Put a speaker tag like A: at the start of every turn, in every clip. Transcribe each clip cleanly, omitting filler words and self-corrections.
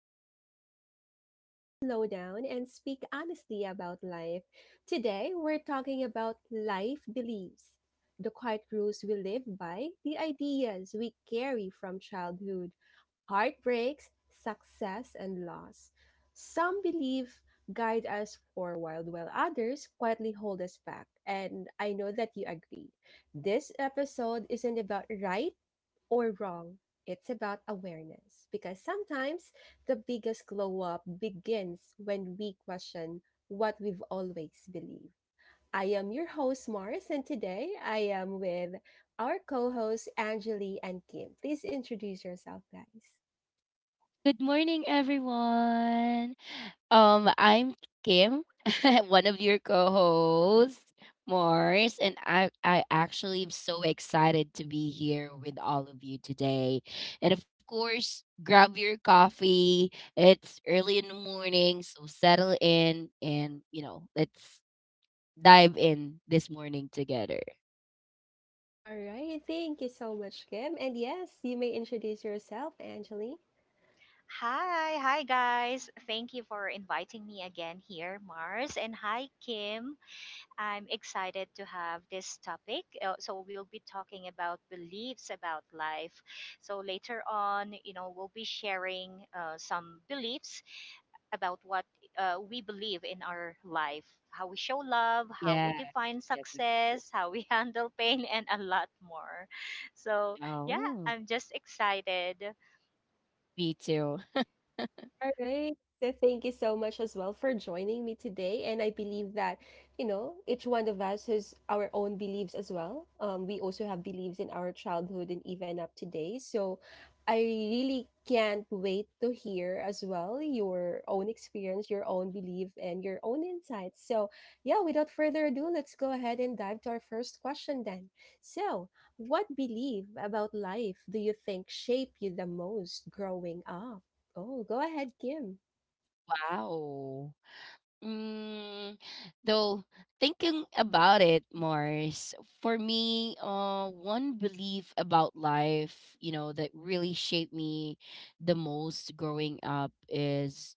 A: Talk, the space where we slow down and speak honestly about life. Today, we're talking about life beliefs, the quiet rules we live by, the ideas we carry from childhood, heartbreaks, success, and loss. Some beliefs guide us forward, while others quietly hold us back. And I know that you agree. This episode isn't about right or wrong. It's about awareness because sometimes the biggest glow up begins when we question what we've always believed. I am your host, Morris, and today I am with our co hosts, Anjali and Kim. Please introduce yourself, guys.
B: Good morning, everyone. I'm Kim, one of your co-hosts, Mars, and I actually am so excited to be here with all of you today. And of course, grab your coffee. It's early in the morning, so settle in and let's dive in this morning together.
A: All right. Thank you so much, Kim. And yes, you may introduce yourself, Anjali.
C: Hi guys. Thank you for inviting me again here, Mars. And hi, Kim. I'm excited to have this topic. So, we'll be talking about beliefs about life. So, later on, we'll be sharing some beliefs about what we believe in our life, how we show love, how
B: Yes,
C: we define
B: yes, of course.
C: success, how we handle pain, and a lot more. So, yeah,
B: Oh,
C: I'm just excited.
B: me too.
A: All right. So thank you so much as well for joining me today. And I believe that, you know, each one of us has our own beliefs as well. We also have beliefs in our childhood and even up today. So I really can't wait to hear as well your own experience, your own belief, and your own insights. So, yeah, without further ado, let's go ahead and dive to our first question then. So, what belief about life do you think shaped you the most growing up? Oh, go ahead, Kim.
B: Wow. Mm, though thinking about it, Mars, for me, one belief about life, that really shaped me the most growing up is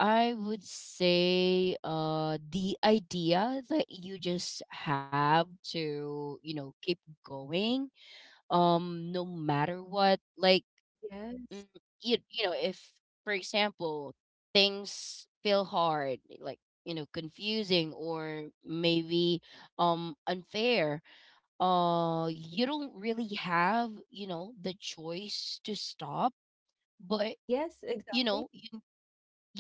B: I would say the idea that you just have to, keep going no matter what. Like mm,
A: Yes.
B: you know if for example things feel hard like confusing or maybe unfair, you don't really have the choice to stop. But
A: Yes,
B: you
A: exactly.
B: know you,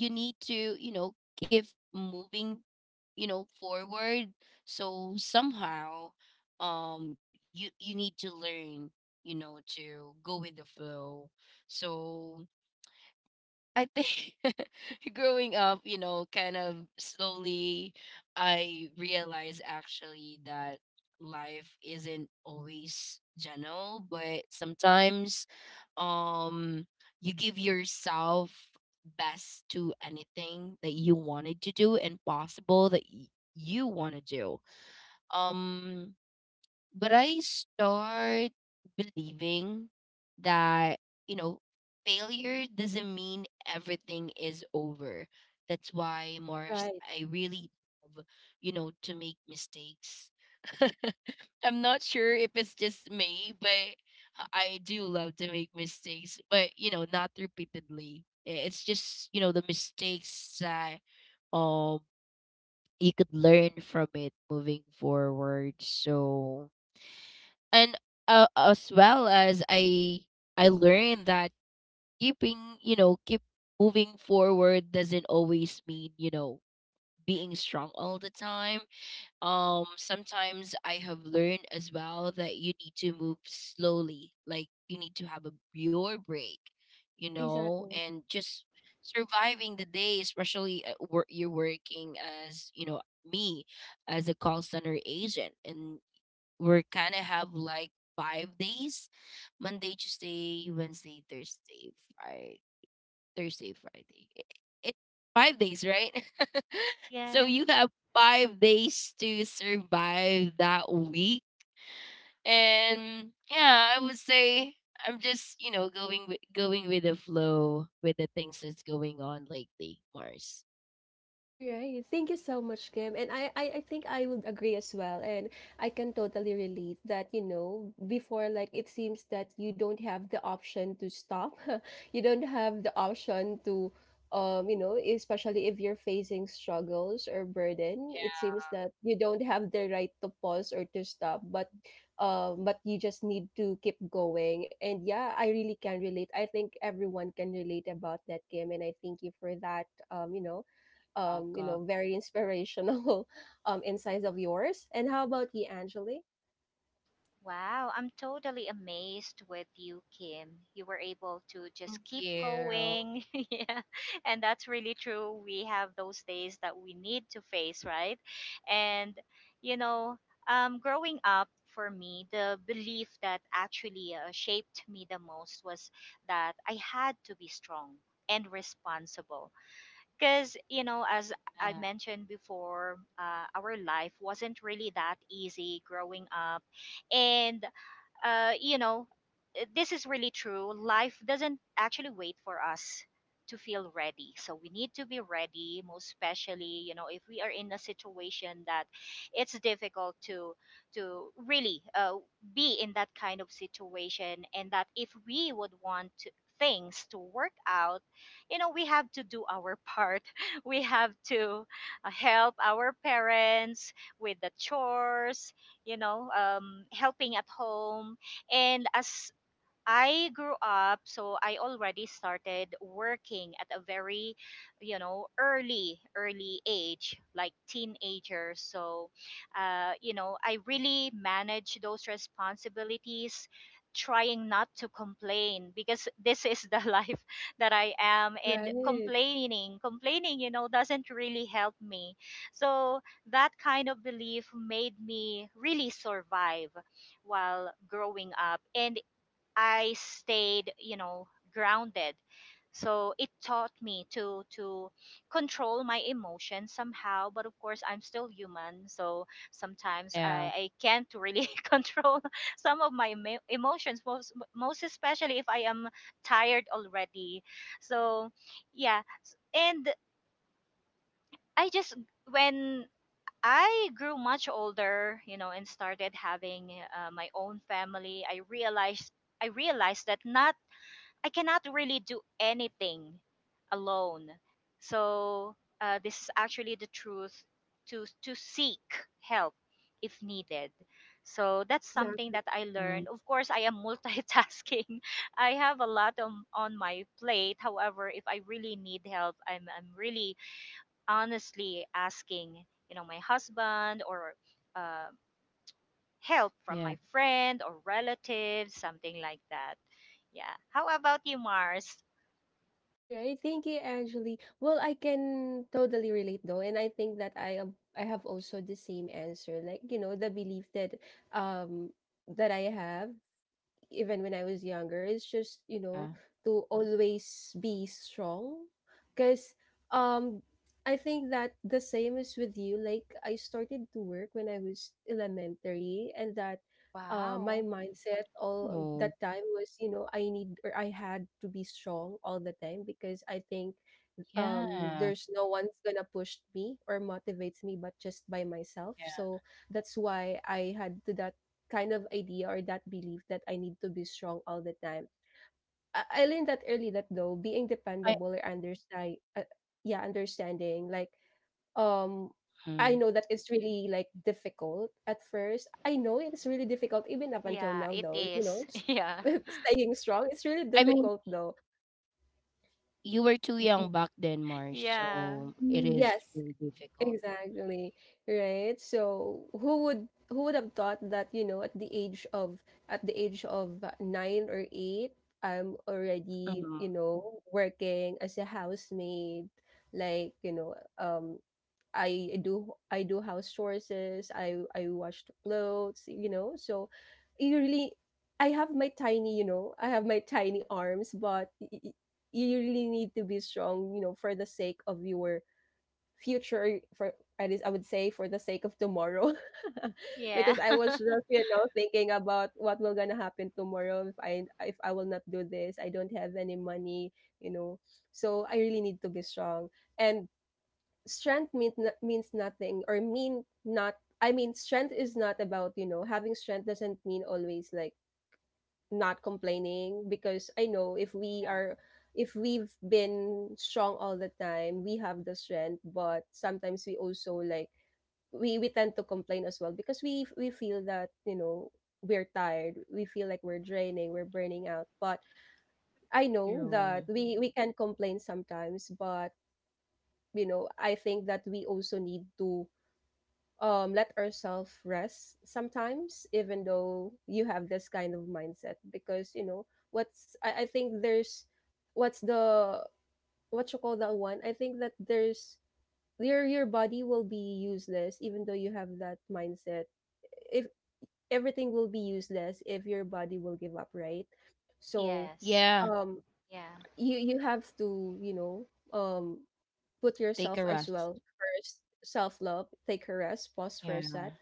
B: you need to keep moving forward, so somehow you need to learn to go with the flow. So I think growing up, kind of slowly, I realized actually that life isn't always general, but sometimes um you give yourself best to anything that you wanted to do and possible that you want to do. Um but I start believing that, you know, failure doesn't mean everything is over. That's why, Mars,
A: Right.
B: I really love, to make mistakes. I'm not sure if it's just me, but I do love to make mistakes, but not repeatedly. It's just, the mistakes that um you could learn from it moving forward. So, and as well as I learned that keeping keep moving forward doesn't always mean being strong all the time. Sometimes I have learned as well that you need to move slowly, like you need to have a your break,
A: Exactly.
B: and just surviving the day, especially at work. You're working as, me, as a call center agent, and we're kind of have like 5 days: Monday, Tuesday, Wednesday, Thursday, Friday, Thursday, Friday. I- It's 5 days, right? So
C: Yeah.
B: you have 5 days to survive that week. And yeah, I would say I'm just, going with the flow with the things that's going on lately, Mars.
A: Right. Thank you so much, Kim. And I think I would agree as well. And I can totally relate that, you know, before, like, it seems that you don't have the option to stop. You don't have the option to, you know, especially if you're facing struggles or burden, it
B: Yeah,
A: seems that you don't have the right to pause or to stop, but, but you just need to keep going. And yeah, I really can relate. I think everyone can relate about that, Kim. And I thank you for that, um, you know you know,
B: welcome.
A: very inspirational insights of yours. And how about you, Angeli?
C: Wow, I'm totally amazed with you, Kim. You were able to
B: Thank
C: just keep
B: you.
C: going. Yeah. And that's really true. We have those days that we need to face, right? And, you know, growing up for me, the belief that actually shaped me the most was that I had to be strong and responsible. Because, as
B: Yeah.
C: I mentioned before, our life wasn't really that easy growing up. And uh, you know, this is really true. Life doesn't actually wait for us to feel ready. So we need to be ready, most especially, if we are in a situation that it's difficult to really be in that kind of situation, and that if we would want to things to work out, we have to do our part. We have to help our parents with the chores, helping at home. And as I grew up, so I already started working at a very, early, early age, like teenager. So, I really manage those responsibilities, trying not to complain because this is the life that I am. And
A: Right.
C: complaining, doesn't really help me. So that kind of belief made me really survive while growing up. And I stayed, grounded. So it taught me to control my emotions somehow, but of course I'm still human, so sometimes I,
B: Yeah.
C: I can't really control some of my emotions, most especially if I am tired already. So yeah, and I just, when I grew much older, and started having my own family, I realized that, not, I cannot really do anything alone. So this is actually the truth, to seek help if needed. So that's something
A: Exactly.
C: that
B: Mm,
C: I learned. Of course, I am multitasking. I have a lot on my plate. However, if I really need help, I'm really honestly asking, my husband, or uh,
B: yeah.
C: help from my friend or relatives, something like that. Yeah. How about you, Mars?
A: All right, thank you, Angeli. Well, I can totally relate though, and I think that I have also the same answer. Like, you know, the belief that um that I have even when I was younger is
B: Yeah.
A: just, you know, to always be strong. Because um, I think that the same is with you. Like, I started to work when I was elementary, and that my
C: Wow.
B: Oh.
A: mindset all that time was, you know, I need or I had to be strong all the time because I think
B: Yeah,
A: there's no one's gonna push me or motivates me but just by
B: yeah.
A: myself. So that's why I had to that kind of idea or that belief that I need to be strong all the time. I learned that early that though
B: I
A: being dependable or understand yeah, understanding like um
B: Mm.
A: I know that it's really like difficult at first. I know it's really difficult even up until
C: Yeah,
A: now
C: it
A: though, you know,
C: is. Yeah.
A: staying strong, it's
B: I
A: really
B: mean,
A: difficult though.
B: you were too young back then, Mars,
C: Yeah.
B: so it is really
A: Yes,
B: difficult.
A: exactly, right? So who would have thought that, you know, at the age of at the age of nine or eight, I'm already,
B: Mm,
A: you know, working as a housemaid. Like, you know, I do house chores, I wash the clothes, you know. So you really I have my tiny, you know, I have my tiny arms, but you really need to be strong, you know, for the sake of your future for at least, I would say, for the sake of tomorrow. Because
C: Yeah.
A: I was just, you know, thinking about what will gonna happen tomorrow. If I will not do this, I don't have any money, you know. So I really need to be strong, and strength means means nothing or mean not I mean, strength is not about, you know, having strength doesn't mean always like not complaining, because I know if we
B: yeah,
A: are if we've been strong all the time, we have the strength, but sometimes we also like we tend to complain as well, because we feel that, you know, we're tired, we feel like we're draining, we're burning out. But I know
B: true.
A: that we can complain sometimes, but you know, I think that we also need to let ourselves rest sometimes, even though you have this kind of mindset. Because, you know, I think there's what's the what you call that one? I think that there's your body will be useless even though you have that mindset. If Everything will be useless if your body will give up, right? So
C: Yes.
B: Yeah,
A: um
C: Yeah.
A: you you have to, you know, um put
B: take
A: yourself
B: a
A: as well
B: rest.
A: first, self love, take a rest, pause for a sec.
B: Yeah.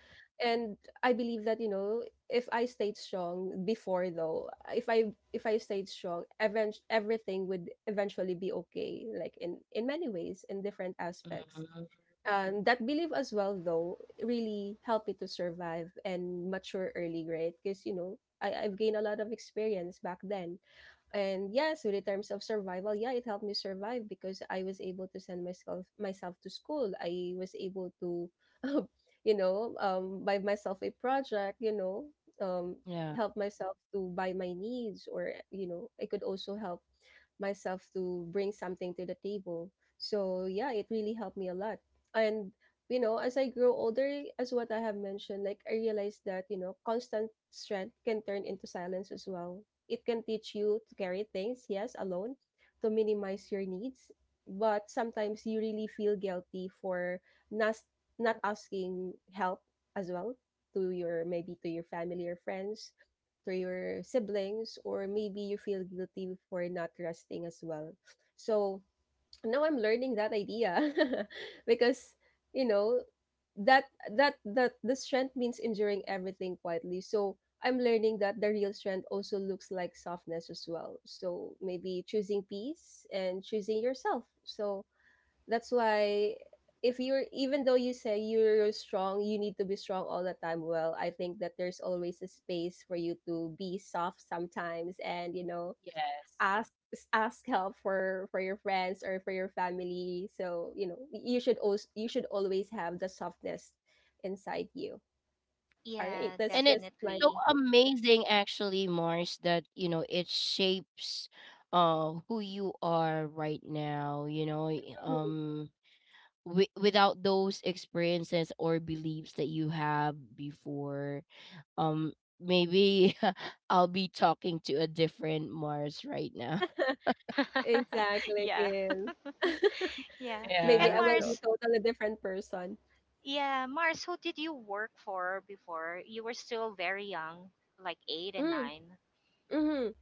A: And I believe that, you know, if I stayed strong before, though, if I stayed strong, everything would eventually be okay, like in many ways, in different aspects.
B: Mhm.
A: And that belief as well, though, really helped me to survive and mature early grade, because, you know, I've gained a lot of experience back then. And yeah, so in terms of survival, yeah, it helped me survive, because I was able to send myself to school. I was able to you know, buy myself a project, you know, um,
B: Yeah.
A: help myself to buy my needs, or, you know, I could also help myself to bring something to the table. So yeah, it really helped me a lot. And, you know, as I grow older, as what I have mentioned, like, I realized that, you know, constant strength can turn into silence as well. It can teach you to carry things, yes, alone, to minimize your needs, but sometimes you really feel guilty for not not asking help as well to your, maybe to your family or friends, to your siblings, or maybe you feel guilty for not resting as well. So now I'm learning that idea, because, you know, that that that the strength means enduring everything quietly. So I'm learning that the real strength also looks like softness as well, so maybe choosing peace and choosing yourself. So that's why, if you're, even though you say you're strong, you need to be strong all the time, well, I think that there's always a space for you to be soft sometimes, and, you know,
B: Yes.
A: ask ask help for your friends or for your family. So, you know, you should also you should always have the softness inside you. All right,
C: Yeah,
A: that's
B: And it's
A: just my
B: so
C: definitely.
B: amazing actually, Mars, that, it shapes who you are right now, without those experiences or beliefs that you have before. um Maybe I'll be talking to a different Mars right now.
A: Exactly,
C: Yeah.
A: Gil.
C: Yeah.
A: Maybe
C: And
B: Yeah.
A: I will
B: So,
A: be
C: Mars,
A: totally different person.
C: yeah, Mars, who did you work for before? You were still very young, like 8 and
A: Mm,
C: 9.
A: mhm.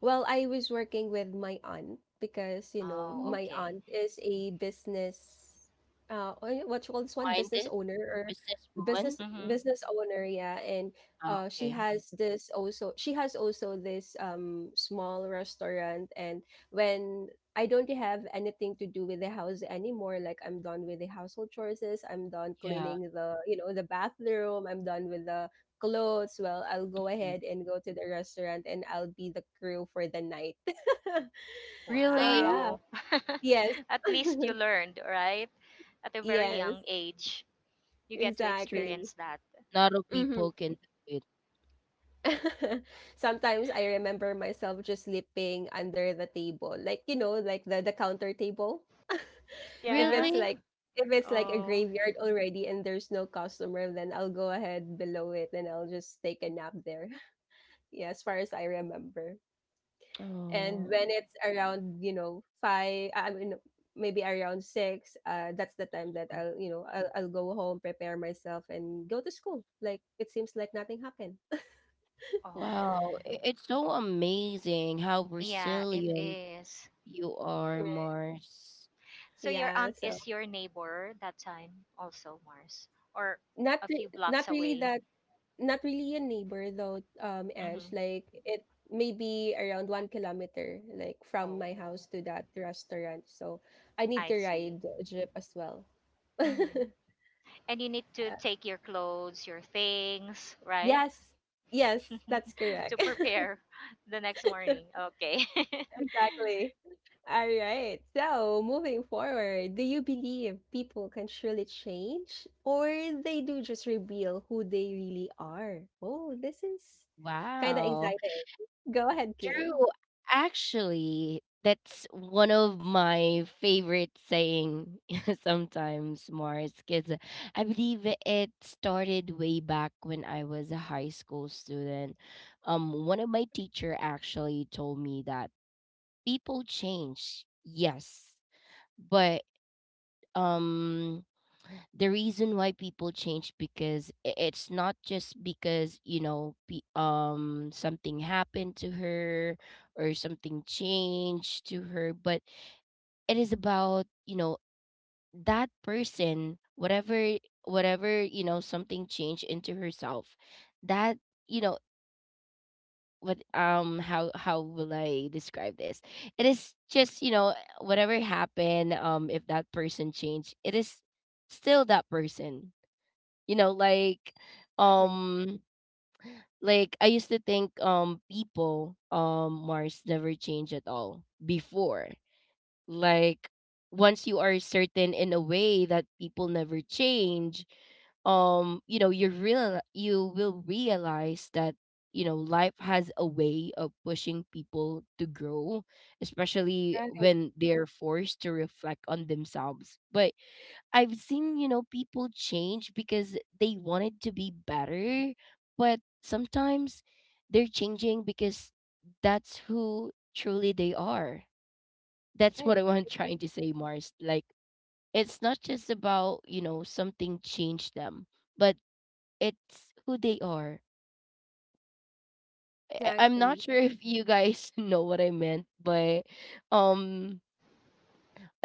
A: Well, I was working with my aunt because, you know,
C: Oh,
B: oh,
A: my
C: okay.
A: aunt is a business, what you call this one? Business
B: minded
A: owner or
B: businesswoman.
A: business
C: Mhm.
A: business owner, yeah. And
B: Ah,
A: she
B: okay.
A: has this also. She has also this small restaurant. And when I don't have anything to do with the house anymore, like, I'm done with the household chores, I'm done
B: Yeah.
A: cleaning the, you know, the bathroom, I'm done with the clothes, well, I'll go
B: Mhm.
A: ahead and go to the restaurant and I'll be the crew for the night. So yeah.
B: Really?
C: Wow.
A: Yes.
C: At least you learned, right? At a very
A: Yes.
C: young age, you get to
B: True.
A: Exactly.
C: experience that.
B: Not all
A: Mm-hmm.
B: people can do it.
A: Sometimes I remember myself just sleeping under the table. Like, you know, like the counter table. if
C: Yeah.
A: it's
B: Really?
A: like if it's like a
C: Oh.
A: graveyard already and there's no customer, then I'll go ahead below it and I'll just take a nap there. Yeah, as far as I remember. And
B: Oh,
A: when it's around, you know, five I mean maybe around six, that's the time that I'll, you know, I'll go home, prepare myself and go to school, like it seems like nothing happened.
B: wow.
C: Oh.
B: It's so amazing how
C: Yeah, it
B: resilient
C: is.
B: you are,
A: Right,
B: Mars.
C: So your
A: yeah.
C: aunt
A: So
C: is your neighbor that time also, Mars, or a few blocks
A: not really
C: away.
A: that, not really a neighbor though, Ange,
C: Mm-hmm.
A: like it maybe around 1 kilometer like from my house
C: Oh,
A: to that restaurant. So I need
C: I
A: to
C: see.
A: ride a jeep as well.
C: Mm-hmm. And you need to
A: Uh,
C: take your clothes, your things, right?
A: yes yes, that's
C: To
A: correct.
C: prepare the next morning. Okay.
A: Exactly. All right. So, moving forward, do you believe people can truly change or they do just reveal who they really are? Oh, this is kind of
B: Wow.
A: exciting. Go ahead,
B: True.
A: Kim.
B: Actually, that's one of my favorite saying sometimes, Mars, because I believe it started way back when I was a high school student. One of my teacher actually told me that people change, yes, but um the reason why people change, because it's not just because, something happened to her or something changed to her, but it is about, that person, whatever, something changed into herself that, you know what how will I describe this. It is just, whatever happened, if that person changed, it is still that person, you know, like
A: Exactly.
B: um like I used to think people, Mars, never change at all before. Like once you are certain in a way that people never change, you will realize that, life has a way of pushing people to grow, especially
A: Right.
B: when they're forced to reflect on themselves. But I've seen, people change because they wanted to be better, but sometimes they're changing because that's who truly they are. That's what I
A: Right.
B: want
A: Exac-
B: trying to say, Mars. Like, it's not just about, something changed them, but it's who they are. I'm not
A: Exactly.
B: sure if you guys know what I meant, but um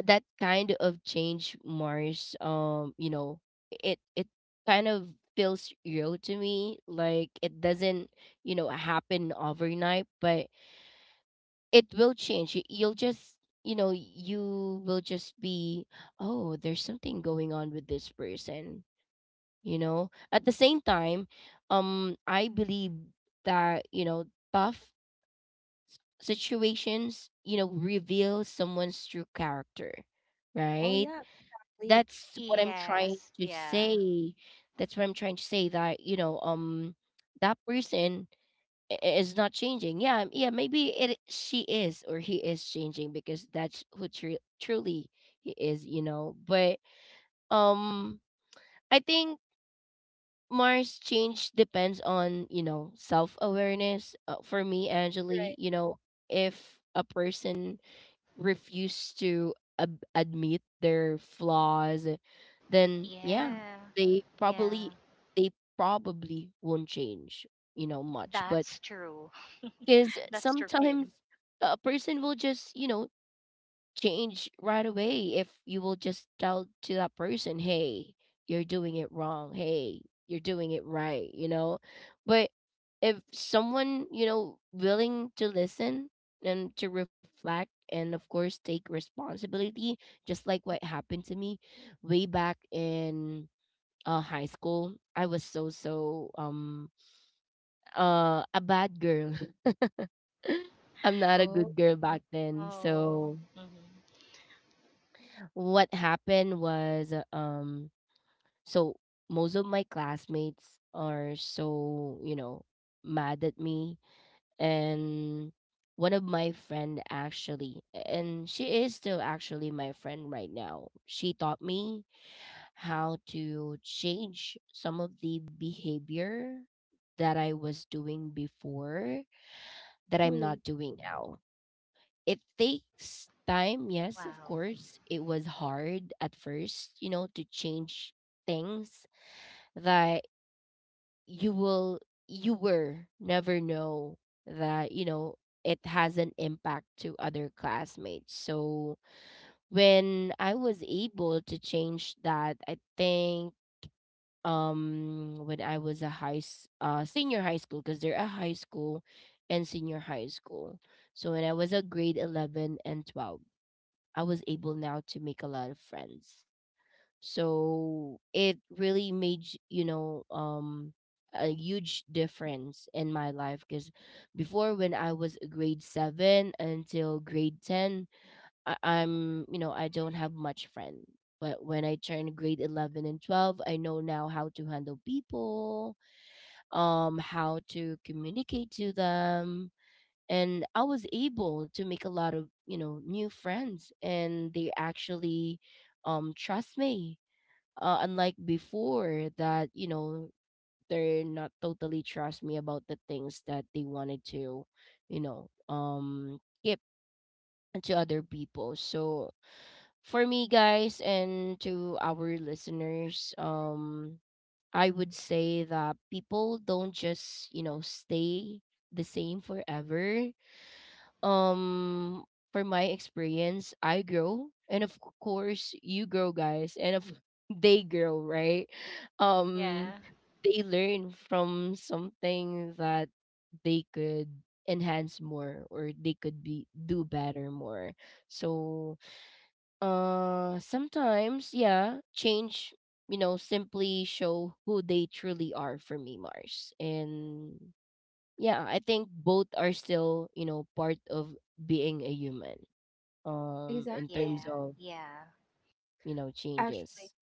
B: that kind of change, Mars, it kind of feels real to me. Like, it doesn't, happen overnight, but it will change. You'll just, you will just be, oh, there's something going on with this person, at the same time. I believe that, tough situations, reveal someone's true character,
A: Oh
B: right?
A: yeah. Exactly.
B: That's what I'm trying
C: Yes.
B: to
C: Yeah.
B: say. That's what I'm trying to say, that, that person is not changing. Yeah, yeah, maybe it, she is or he is changing because that's who truly he is. But um I think, Mars, change depends on, self-awareness, for me, Angeli.
A: Right.
B: If a person refuse to admit their flaws, then yeah,
C: Yeah.
B: they
C: Yeah.
B: probably, they probably won't change, you know, much. But
C: That's true.
B: because
C: That's true,
B: sometimes
C: Kim.
B: a person will just, change right away if you will just tell to that person, hey, you're doing it wrong. Hey, you're doing it right, you know? But if someone, willing to listen and to reflect and of course take responsibility, just like what happened to me way back in high school. I was so a bad girl. I'm not a good
A: Oh.
B: girl back then.
C: Oh.
B: So
C: Hmm.
B: what happened was, so most of my classmates are so, mad at me. And one of my friend actually, and she is still actually my friend right now. She taught me how to change some of the behavior that I was doing before, that I'm
A: Hmm.
B: not doing now. It takes time, yes, of
C: Wow.
B: course. It was hard at first, to change things that you will you were never know that, it has an impact to other classmates. So when I was able to change that, I think, when I was a senior high school, because they're a high school and senior high school. So when I was a grade 11 and 12, I was able now to make a lot of friends. So it really made, a huge difference in my life, because before, when I was grade 7 until grade 10, I'm, I don't have much friend. But when I turned grade 11 and 12, I know now how to handle people, how to communicate to them, and I was able to make a lot of, new friends, and they actually trust me. Unlike before, that, they're not totally trust me about the things that they wanted to, keep to other people. So for me, guys, and to our listeners, I would say that people don't just, stay the same forever. um for my experience, I grow, and of course you grow, guys, and of they grow, right? um
C: Yeah.
B: they learn from something that they could enhance more, or they could be do better more. So, sometimes, yeah, change, simply show who they truly are, for me, Mars. And yeah, I think both are still, part of being a human. In
A: Exactly.
B: terms
C: Yeah.
B: of,
C: Yeah.
A: Actually.
B: changes.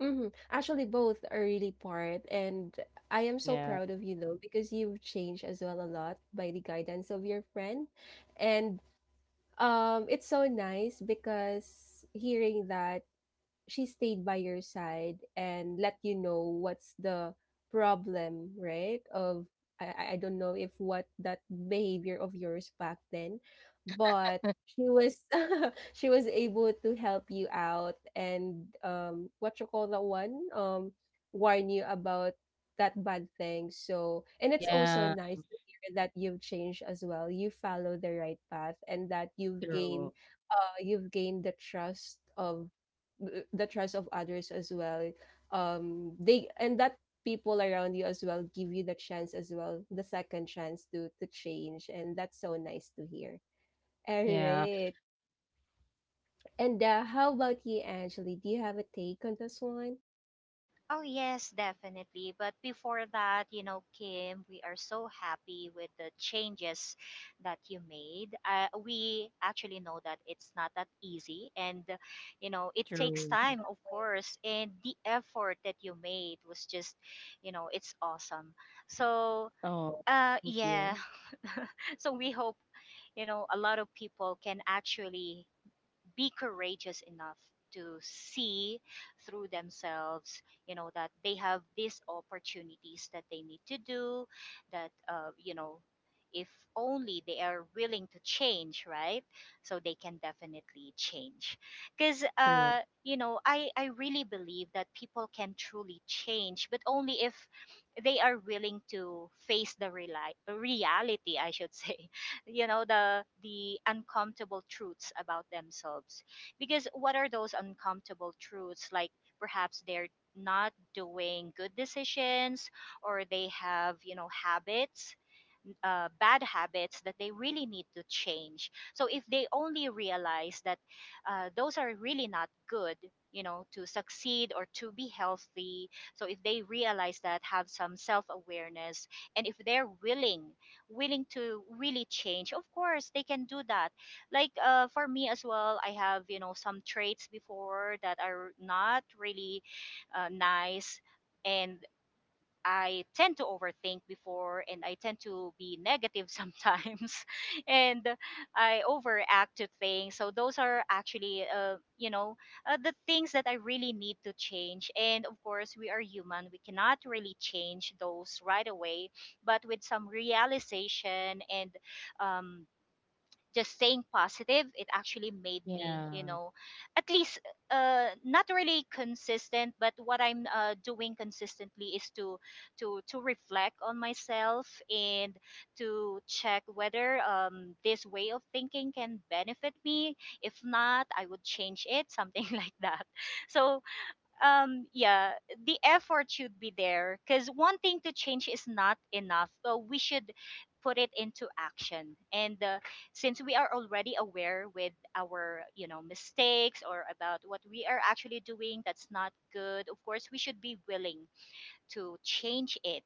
A: Mhm. Actually, both are really part, and I am so
B: Yeah.
A: proud of you though because you've changed as well a lot by the guidance of your friend, and it's so nice because hearing that she stayed by your side and let you know what's the problem, right? Of I don't know if what that behavior of yours back then, but she was she was able to help you out, and what you call that one, warn you about that bad thing. So and it's also
B: Yeah.
A: nice to hear that you've changed as well. You follow the right path and that
B: True.
A: you've gained the trust of others as well they and that people around you as well give you the chance as well the second chance to change, and that's so nice to hear. All
B: Yeah.
A: right. And how about you, Angeli? Do you have a take on this one?
C: Oh, yes, definitely. But before that, Kim, we are so happy with the changes that you made. We actually know that it's not that easy. And, it takes
B: True.
C: time, of course. And the effort that you made was just, it's awesome. So,
B: Oh, thank
C: yeah.
B: you.
C: So we hope, a lot of people can actually be courageous enough to see through themselves, that they have these opportunities that they need to do, that, if only they are willing to change, right? So they can definitely change, because
B: True.
C: I really believe that people can truly change, but only if they are willing to face the reality, I should say, the uncomfortable truths about themselves. Because what are those uncomfortable truths? Like, perhaps they're not doing good decisions, or they have, you know habits bad habits that they really need to change. So if they only realize that those are really not good, to succeed or to be healthy. So if they realize that, have some self awareness, and if they're willing to really change, of course they can do that. Like for me as well, I have, some traits before that are not really nice, and I tend to overthink before, and I tend to be negative sometimes, and I overact to things. So those are actually, the things that I really need to change. And of course, we are human. We cannot really change those right away, but with some realization and um just staying positive, it actually made me,
B: Yeah.
C: at least, not really consistent, but what I'm doing consistently is to reflect on myself, and to check whether this way of thinking can benefit me. If not, I would change it, something like that. So, yeah, the effort should be there, because wanting to change is not enough, so we should put it into action. And since we are already aware with our, mistakes, or about what we are actually doing, that's not good, of course we should be willing to change it.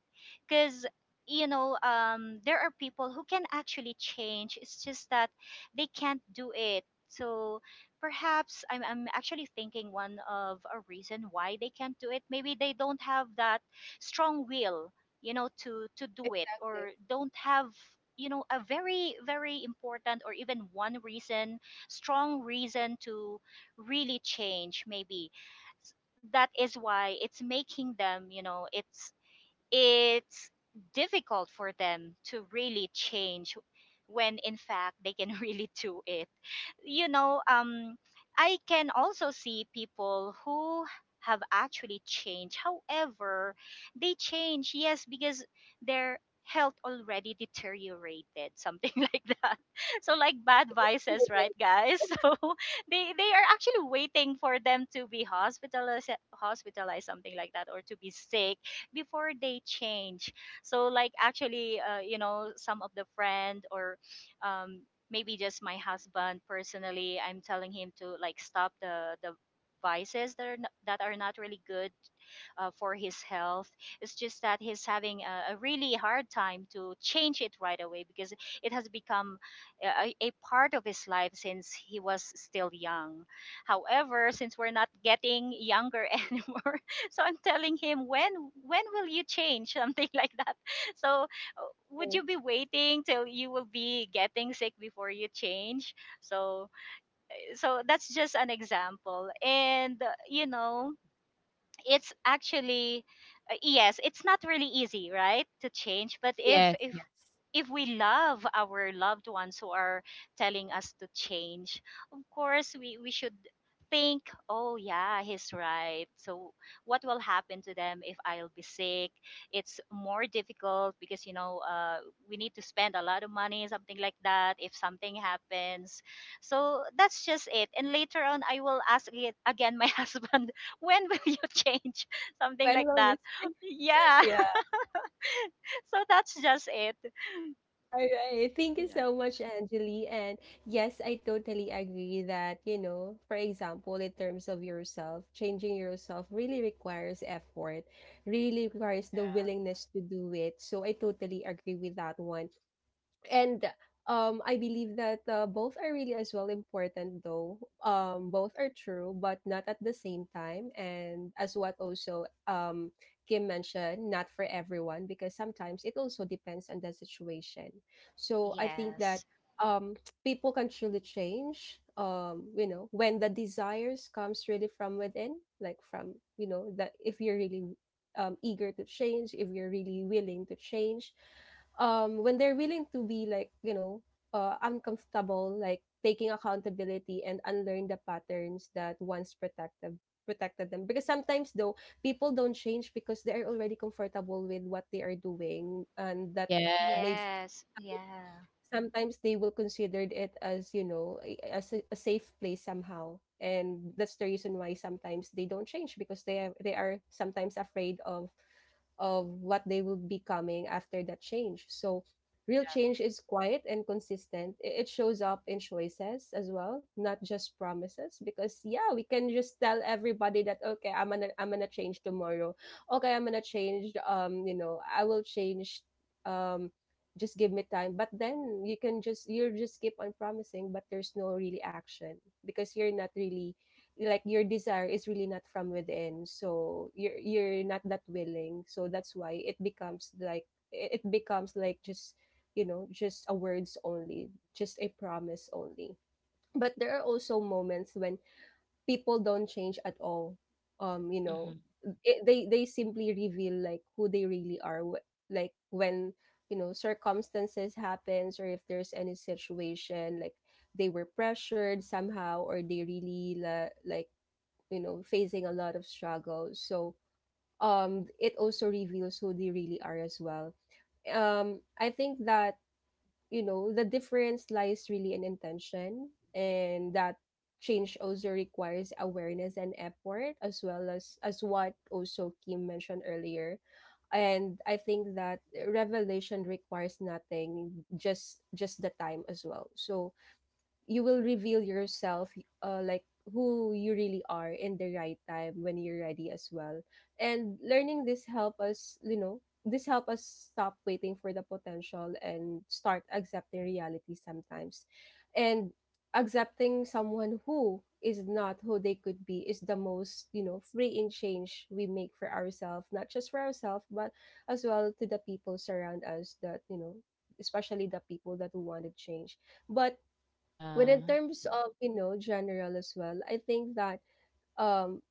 C: Because there are people who can actually change, it's just that they can't do it. So perhaps I'm actually thinking, one of a reason why they can't do it, maybe they don't have that strong will, to do it, or
A: Exactly.
C: don't have, a very very important, or even one reason strong reason to really change. Maybe that is why it's making them, it's difficult for them to really change, when in fact they can really do it. you know um I can also see people who have actually changed, however they change, yes, because their health already deteriorated, something like that. So like bad
A: Like it's too
C: vices,
A: late.
C: right guys? So they
B: Yeah.
C: they are actually waiting for them to be hospitalized, something like that, or to be sick before they change. So like actually, some of the friend, or um, maybe just my husband personally, I'm telling him to like stop the vices that are not really good, for his health. It's just that he's having a really hard time to change it right away, because it has become a part of his life since he was still young. However, since we're not getting younger anymore, so I'm telling him, when will you change, something like that? So would
A: Mm.
C: you be waiting till you will be getting sick before you change? So so that's just an example. And it's actually, yes, it's not really easy, right, to change. But if
B: Yes.
C: if
B: Yes.
C: if we love our loved ones who are telling us to change, of course we should think, oh yeah, he's right. So what will happen to them if I'll be sick? It's more difficult, because we need to spend a lot of money, something like that, if something happens. So that's just it. And later on I will ask it again, my husband, when will you change? Something
A: When
C: like
A: will you?
C: that. Yeah.
A: Yeah.
C: So that's just it.
A: All right, thank you so much, Angeli. And yes, I totally agree that, you know, for example, in terms of yourself, changing yourself really requires effort, really requires the willingness to do it. So I totally agree with that one, and I believe that both are really as well important though. Both are true but not at the same time, and as what also Kim mentioned, not for everyone because sometimes it also depends on the situation. So I think that
C: Yes.
A: um people can truly change, you know, when the desires comes really from within, like from, you know, that if you're really eager to change, if you're really willing to change, when they're willing to be like, you know, uncomfortable, like taking accountability and unlearn the patterns that once protected protected them, because sometimes though people don't change because they are already comfortable with what they are doing, and that
B: Yeah. Yeah.
A: maybe
C: Yes. Yeah.
A: sometimes they will consider it as, you know, a safe place somehow, and that's the reason why sometimes they don't change because they are sometimes afraid of what they will be coming after that change. So real change is quiet and consistent. It shows up in choices as well, not just promises, because yeah, we can just tell everybody that okay, I'm gonna change tomorrow, okay, I'm gonna change, you know, I will change, um just give me time, but then you just keep on promising but there's no really action because you're not really, like your desire is really not from within, so you're not that willing. So that's why it becomes like it becomes like just, you know, just a words only, just a promise only. But there are also moments when people don't change at all, you know,
B: Mm-hmm.
A: they simply reveal like who they really are, like when, you know, circumstances happens, or if there's any situation like they were pressured somehow, or they really like, you know, facing a lot of struggle. So it also reveals who they really are as well. I think that, you know, the difference lies really in intention, and that change also requires awareness and effort, as well as what also Kim mentioned earlier. And I think that revelation requires nothing, just the time as well. So you will reveal yourself like who you really are in the right time when you're ready as well. And learning this help us, you know, this help us stop waiting for the potential and start accepting reality sometimes. And accepting someone who is not who they could be is the most, you know, freeing change we make for ourselves, not just for ourselves but as well to the people surround us. That, you know, especially the people that who want to change, but but in
B: Yeah.
A: terms of, you know, general as well, I think that um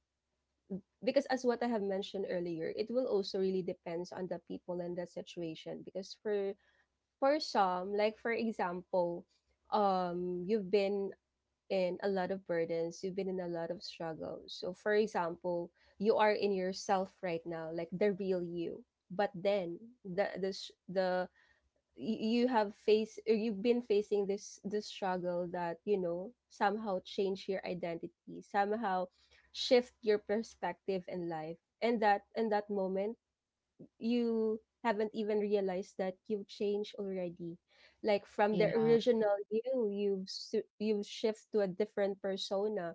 A: because as what I have mentioned earlier, it will also really depends on the people and the situation. Because for some, like for example, you've been in a lot of burdens, you've been in a lot of struggles. So for example, you are in yourself right now, like the real you. But then the you have faced or you've been facing this struggle that, you know, somehow change your identity, somehow shift your perspective in life, and that in that moment you haven't even realized that you've changed already, like from the
B: Yeah.
A: original you you've shift to a different persona.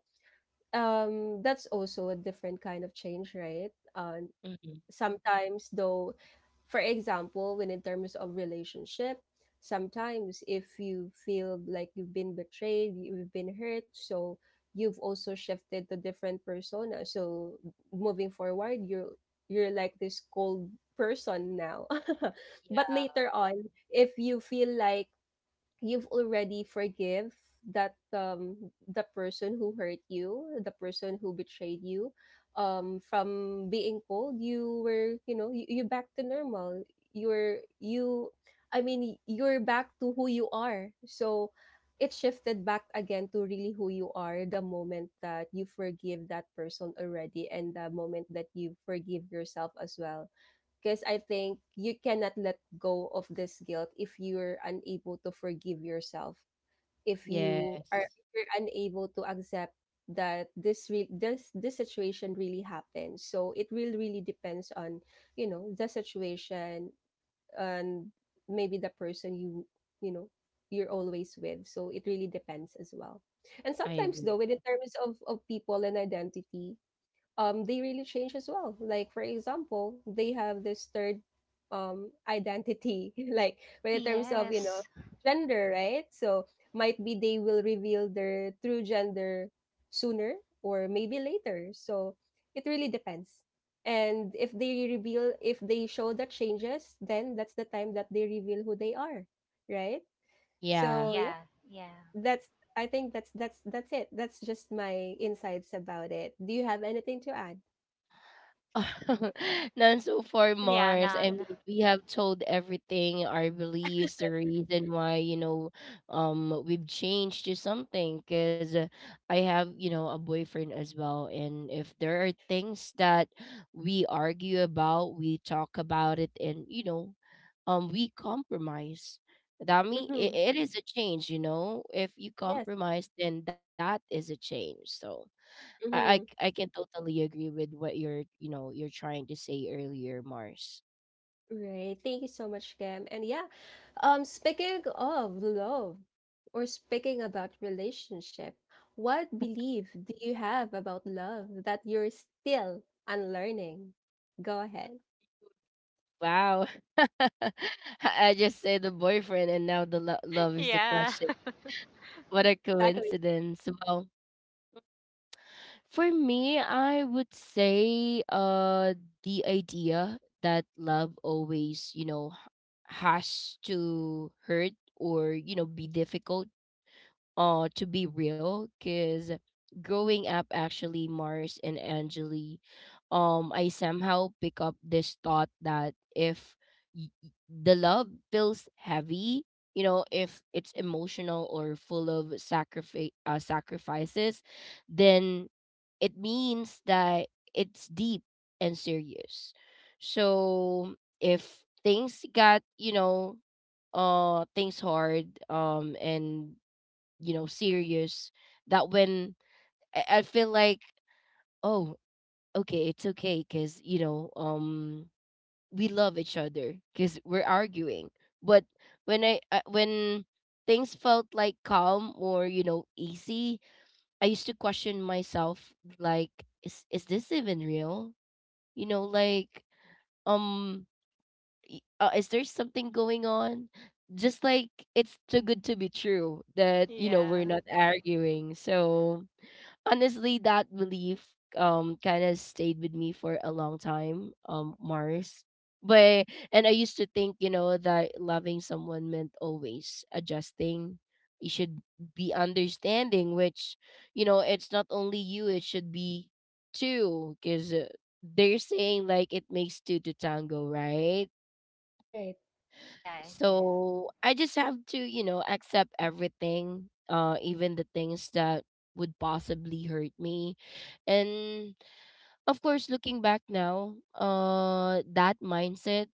A: That's also a different kind of change, right?
B: Mm-hmm.
A: Sometimes though, for example, when in terms of relationship, sometimes if you feel like you've been betrayed, you've been hurt, so you've also shifted to different persona. So moving forward, you're like this cold person now. But later on, if you feel like you've already forgive that the person who hurt you, the person who betrayed you, from being cold, you were, you know, you back to normal, you're you, I mean, you're back to who you are. So it shifted back again to really who you are the moment that you forgive that person already, and the moment that you forgive yourself as well, because I think you cannot let go of this guilt if you're unable to forgive yourself.
B: Yes.
A: If you're unable to accept that this this situation really happened. So it will really depends on, you know, the situation, and maybe the person you, you know, you're always with. So it really depends as well. And
B: I
A: sometimes though,
B: agree.
A: with in terms of people and identity, they really change as well, like for example, they have this third identity like when in terms of, you know,
C: Yes.
A: gender, right? So might be they will reveal their true gender sooner or maybe later. So it really depends. And if they reveal, if they show that changes, then that's the time that they reveal who they are, right?
B: Yeah.
A: So yeah,
C: Yeah. Yeah.
A: that's, I think that's that's it. That's just my insights about it. Do you have anything to add?
B: None so far,
C: Yeah,
B: Mars. I
C: none.
B: mean, we have told everything, our beliefs, the reason why, we've changed to something. Cause I have, a boyfriend as well, and if there are things that we argue about, we talk about it, and we compromise. That mean it,
A: Mhm.
B: it is a change. If you
A: Yes.
B: compromise, then that is a change. So I I
A: Mhm.
B: I can totally agree with what you're you know you're trying to say earlier, Mars.
A: Right, thank you so much, Cam. And yeah, speaking of love or speaking about relationship, what belief do you have about love that you're still unlearning? Go ahead.
B: Wow, I just said the boyfriend, and now the love is the
C: Yeah.
B: question. What a
A: Exactly.
B: coincidence! Well, for me, I would say the idea that love always has to hurt or be difficult to be real because growing up, actually, mars and angeli, I somehow pick up this thought that if the love feels heavy, you know, if it's emotional or full of sacrifice, sacrifices, then it means that it's deep and serious. So if things got, you know, things hard, and, you know, serious, that when I feel like, oh, okay, it's okay because, you know, we love each other because we're arguing. But when I when things felt like calm or, you know, easy, I used to question myself like, is this even real, you know, like, um is there something going on, just like, it's too good to be true that, you know,
C: Yeah.
B: we're not arguing. So honestly, that belief kind of stayed with me for a long time, mars. But and I used to think, you know, that loving someone meant always adjusting. You should be understanding, which, you know, it's not only you, it should be two. Because they're saying like it makes two to tango, right?
A: Right.
C: Yeah. Yeah.
B: So I just have to, you know, accept everything, even the things that would possibly hurt me. And of course, looking back now, that mindset,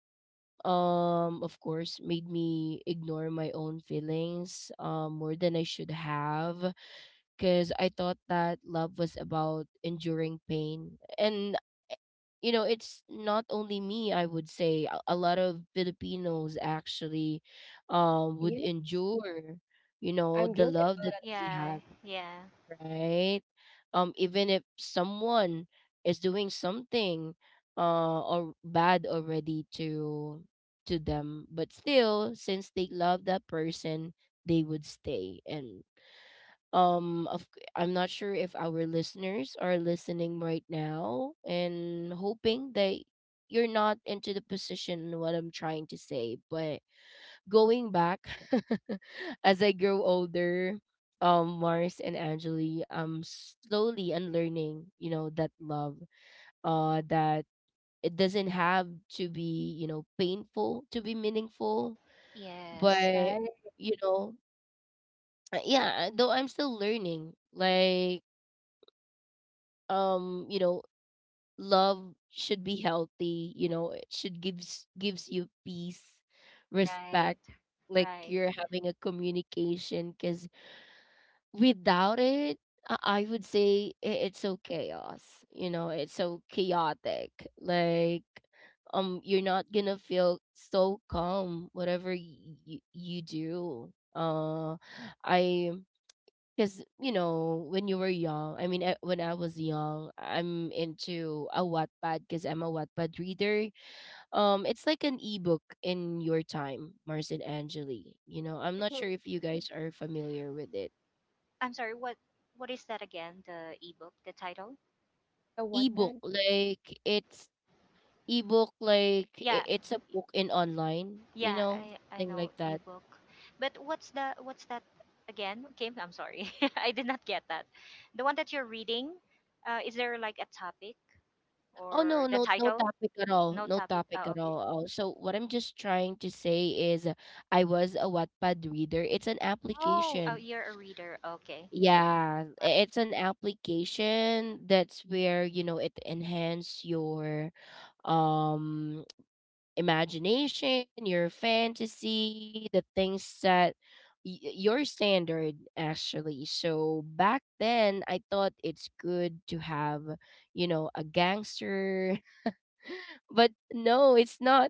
B: of course, made me ignore my own feelings, more than I should have, because I thought that love was about enduring pain. And, you know, it's not only me, I would say. A lot of Filipinos actually would
A: Yeah,
B: endure, you know,
A: I'm
B: the
A: guilty
B: love that
A: about it as
B: they
C: Yeah.
B: have,
C: Yeah.
B: right? Even if someone is doing something or bad already to them, but still, since they love that person, they would stay. And I'm not sure if our listeners are listening right now and hoping that you're not into the position what I'm trying to say, but going back, as I grow older, mars and angeli, I'm slowly unlearning, you know, that love that it doesn't have to be, you know, painful to be meaningful.
C: Yes.
B: But
A: well. Right.
B: you know, yeah, though I'm still learning, like, you know, love should be healthy, you know, it should gives you peace,
C: Right.
B: respect, like
C: Right.
B: you're having a communication. Because without it, i I would say it's so chaos, you know, it's so chaotic, like, you're not gonna feel so calm whatever you do. I Because, you know, when you were young, when I was young, I'm into a wattpad because I'm a wattpad reader. It's like an ebook in your time, mars and angeli, you know, I'm not
A: Mhm.
B: sure if you guys are familiar with it.
C: I'm sorry, what is that again? The ebook, the title?
A: The what
B: Ebook,
A: then?
B: like it's ebook, like
C: Yeah,
B: it's a book in online, you
C: Yeah,
B: know,
C: I
B: thing
C: know
B: like that.
C: ebook. But what's that again? Kim, I'm sorry. I did not get that. The one that you're reading, is there like a topic
B: Oh,
C: or
B: no,
C: the
B: no, no
C: title?
B: topic at all,
C: No
B: no
C: topic.
B: topic
C: Oh,
B: at
C: okay.
B: all. Oh, so what I'm just trying to say is I was a Wattpad reader. It's an
C: Oh,
B: application.
C: you're a reader. Okay.
B: Yeah, it's an application, that's where, you know, it enhance your um imagination, your fantasy, the things that your standard actually. So back then I thought it's good to have, you know, a gangster, but no, it's not.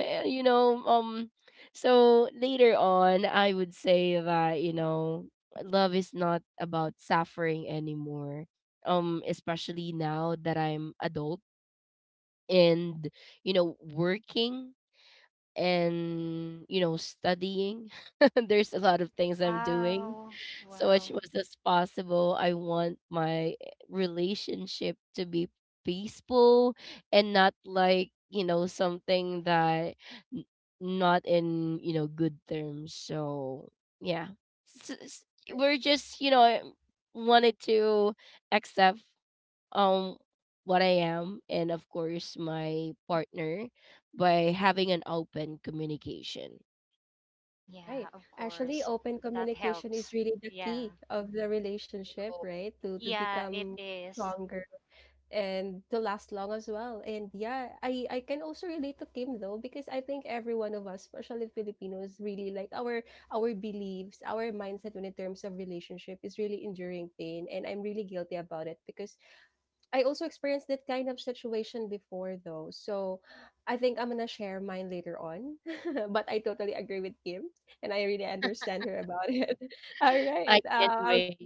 B: Eh, you know, so later on, I would say that, you know, love is not about suffering anymore. Especially now that I'm adult and, you know, working and you know studying, there's a lot of things I'm doing.
C: Wow.
B: So
C: Wow.
B: as much as possible, I want my relationship to be peaceful and not like, you know, something that n- not in, you know, good terms. So yeah. S- s-
A: Uh,
B: we're just, you know, wanted to accept um what I am, and of course, my partner, by having an open communication.
C: Yeah,
A: right.
C: of
A: Actually,
C: course.
A: open
C: That
A: communication is
C: helps.
A: really the
C: Yeah.
A: key of the relationship,
B: Oh,
A: right? To
C: Yeah, it
A: become
C: is.
A: stronger. And to last long as well. And yeah, I can also relate to Kim though, because I think every one of us, especially Filipinos, really like our beliefs, our mindset when in terms of relationship is really enduring pain, and I'm really guilty about it because I also experienced that kind of situation before though. So I think I'm gonna share mine later on. But I totally agree with Kim and I really understand her about it. All right.
B: I can't
A: I'll
B: wait.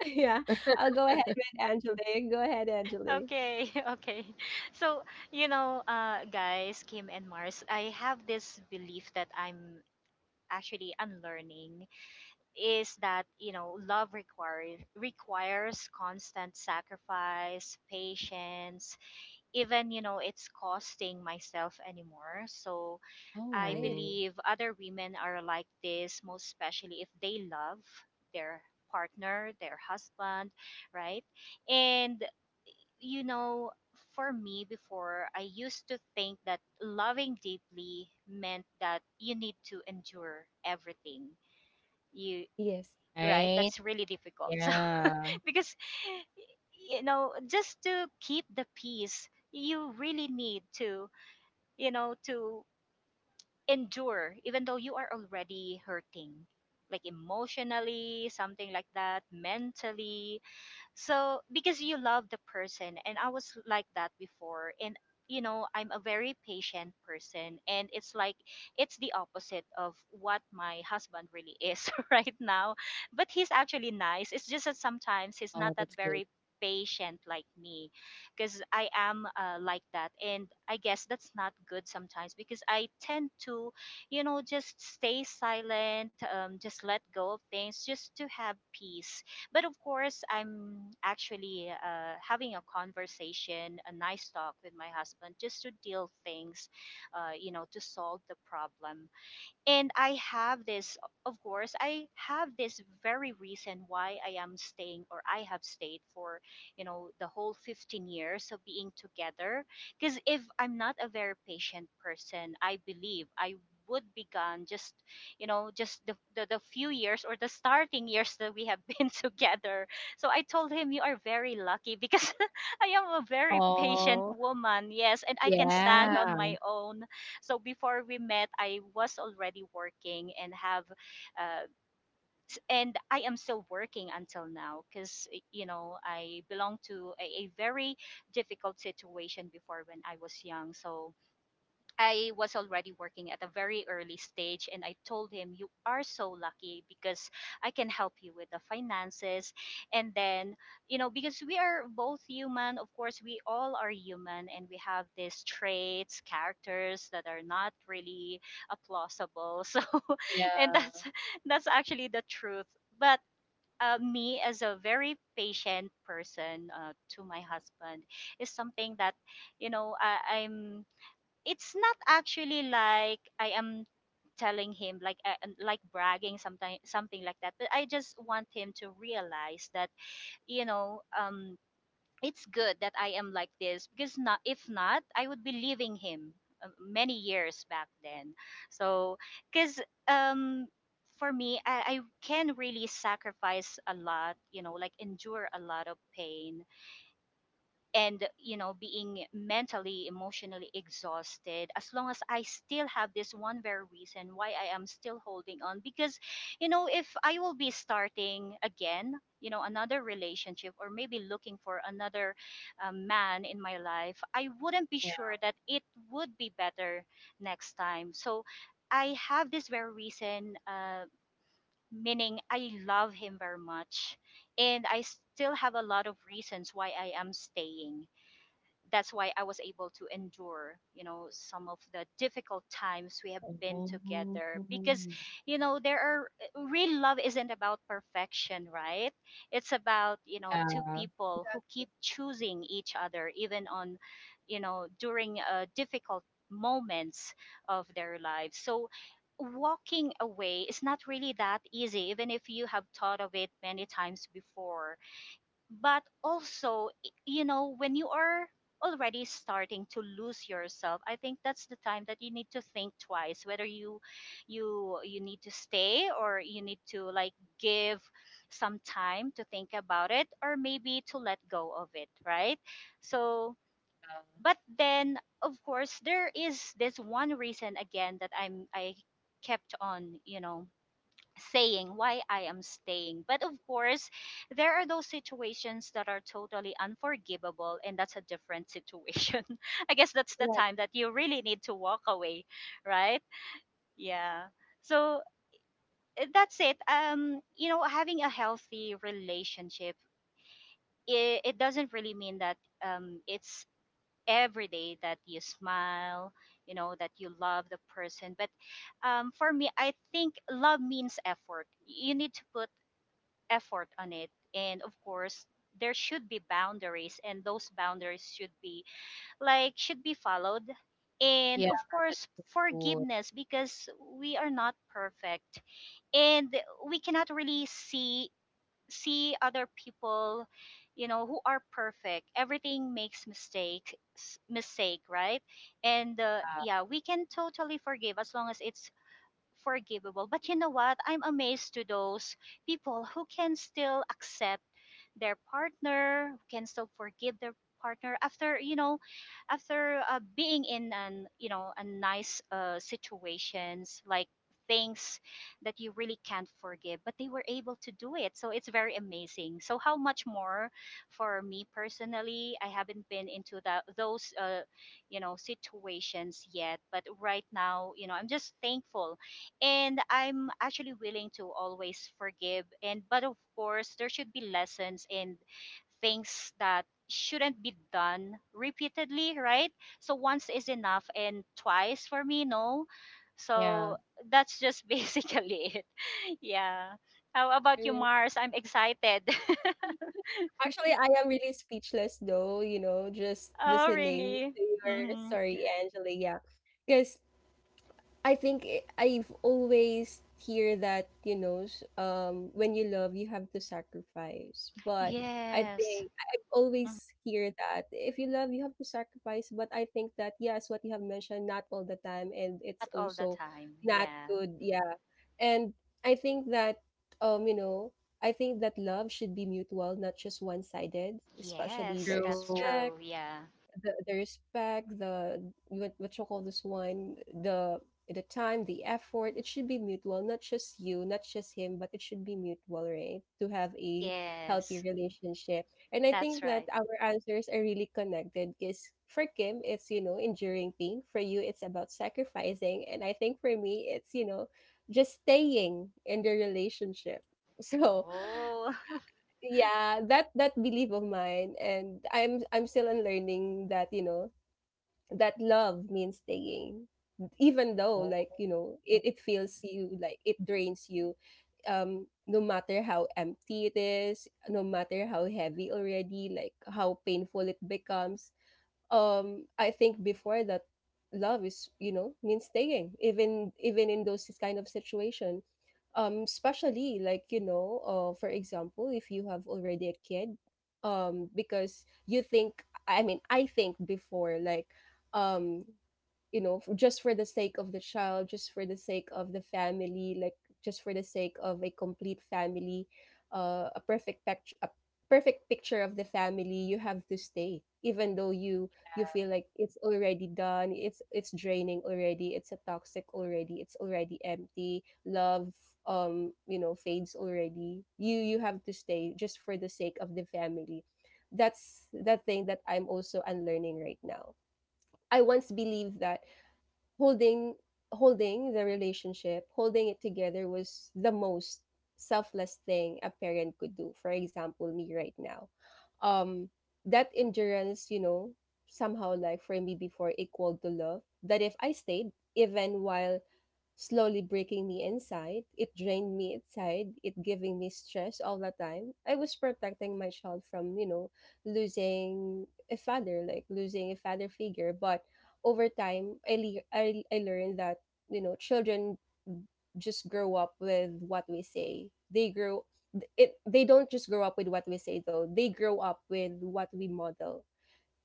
A: yeah, I'll go ahead with Angelique. Go ahead, Angelique.
C: Okay, okay. So, you know, guys, Kim and Mars, I have this belief that I'm actually unlearning is that you know love requires constant sacrifice, patience, even you know it's costing myself anymore. So I
A: Right.
B: Oh,
C: believe other women are like this, most especially if they love their partner, their husband, right? And you know, for me, before I used to think that loving deeply meant that you need to endure everything, you
A: Yes.
C: right,
B: right.
C: that's really difficult. So
B: Yeah.
C: because you know, just to keep the peace, you really need to, you know, to endure even though you are already hurting, like emotionally, something like that, mentally. So because you love the person, and I was like that before, and you know, I'm a very patient person, and it's like it's the opposite of what my husband really is right now. But he's actually nice. It's just that sometimes he's
B: Oh,
C: not that
B: that's good.
C: very patient like me, because I am, like that, and I guess that's not good sometimes, because I tend to, you know, just stay silent, just let go of things just to have peace. But of course, I'm actually, having a conversation, a nice talk with my husband, just to deal things, you know, to solve the problem. And I have this, of course I have this very reason why I am staying, or I have stayed for, you know, the whole 15 years of being together. Because if I'm not a very patient person, I believe I would be gone just, you know, just the few years or the starting years that we have been together. So I told him, you are very lucky because I am a very patient
B: Oh,
C: woman. Yes, and I can stand
A: Mm,
C: on
B: yeah.
C: my own. So before we met, I was already working and have, uh, and I am still working until now, because you know, I belong to a very difficult situation before when I was young. So I was already working at a very early stage, and I told him, you are so lucky because I can help you with the finances. And then, you know, because we are both human, of course, we all are human, and we have these traits, characters, that are not really applaudable. So, and
B: Yeah,
C: that's actually the truth. But me as a very patient person to my husband is something that, you know, I'm it's not actually like I am telling him like, and like bragging, something something like that, but I just want him to realize that, you know, it's good that I am like this, because not, if not I would be leaving him, many years back then. So, cuz, um for me, I can really sacrifice a lot, you know, like endure a lot of pain and, you know, being mentally, emotionally exhausted, as long as I still have this one very reason why I am still holding on. Because, you know, if I will be starting again, you know, another relationship, or maybe looking for another, man in my life, I wouldn't be
B: yeah,
C: sure that it would be better next time. So I have this very reason, meaning I love him very much, and I still have a lot of reasons why I am staying. That's why I was able to endure, you know, some of the difficult times we have been
B: Oh,
C: together, because, you know, there are, real love isn't about perfection, right? It's about, you know, two
B: yeah,
C: people
A: Ex
C: who keep choosing each other even on, you know, during difficult moments of their lives. So walking away is not really that easy, even if you have thought of it many times before. But also, you know, when you are already starting to lose yourself, I think that's the time that you need to think twice, whether you, you need to stay, or you need to like give some time to think about it, or maybe to let go of it, right? So, but then, of course, there is this one reason again that I kept on, you know, saying why I am staying. But of course, there are those situations that are totally unforgivable, and that's a different situation. I guess that's the
A: right,
C: time that you really need to walk away, right? Yeah. So, that's it. You know, having a healthy relationship, it doesn't really mean that, it's every day that you smile, you know, that you love the person. But, for me, I think love means effort. You need to put effort on it. And of course, there should be boundaries, and those boundaries should be like, should be followed. And
B: yeah,
C: of
B: that's
C: course,
B: for sure.
C: forgiveness, because we are not perfect. And we cannot really see other people, you know, who are perfect. Everything makes mistake, right? And
B: Yeah,
C: yeah, we can totally forgive as long as it's forgivable. But you know what? I'm amazed to those people who can still accept their partner, who can still forgive their partner after, you know, after being in an, you know, a nice situations, like things that you really can't forgive, but they were able to do it. So it's very amazing. So how much more for me personally, I haven't been into that, those you know, situations yet. But right now, you know, I'm just thankful, and I'm actually willing to always forgive, and but of course there should be lessons and things that shouldn't be done repeatedly, right? So once is enough, and twice for me, no. So
B: yeah.
C: that's just basically it. Yeah, how about you,
A: right.
C: Mars? I'm excited.
A: Actually, I am really speechless though, you know, just
C: Oh,
A: listening
C: really?
A: to your
C: Mm-hmm.
A: story, Angela. Yeah, because I've always hear that, you know, when you love you have to sacrifice, but I
C: Yes.
A: think I've
C: Mhm.
A: always hear that if you love you have to sacrifice, but I think that yes, what you have mentioned, not all the time, and it's
C: Not all the
A: also
C: time,
A: not
C: yeah.
A: good, yeah. And I think that you know, I think that love should be mutual, not just one sided, especially the
C: Yes, that's
B: True.
A: respect,
C: true, yeah.
A: the respect, the what you call this one, the the time, the effort, it should be mutual, not just you, not just him, but it should be mutual, right? To have a healthy
C: Yes.
A: relationship. And I
C: That's
A: think that
C: right.
A: our answers are really connected because for Kim, it's, you know, enduring pain. For you, it's about sacrificing. And I think for me, it's, you know, just staying in the relationship. So
C: Oh,
A: yeah, that belief of mine and I'm still unlearning that, you know, that love means staying even though
B: Oh,
A: it feels you like it drains you, no matter how empty it is, no matter how heavy already, like how painful it becomes. I think before that, love is, you know, means staying even in those kind of situation, especially, like, you know, for example, if you have already a kid, because you think, I mean, I think before, um you know, just for the sake of the child, just for the sake of the family, like just for the sake of a complete family, a perfect picture, a perfect picture of the family. You have to stay even though you feel like it's already done, it's draining already, it's a toxic already, it's already empty, love you know fades already. You have to stay just for the sake of the family. That's the thing that I'm also unlearning right now. I once believed that holding holding the relationship, holding it together was the most selfless thing a parent could do, for example me right now. um that endurance, you know, somehow, like for me before, equaled to love. That if I stayed even while slowly breaking me inside, it drained me inside, it giving me stress all the time, I was protecting my child from, you know, losing a father, like losing a father figure. But over time, I, le- I learned that, you know, children just grow up with what we say. They don't just grow up with what we say though. They grow up with what we model.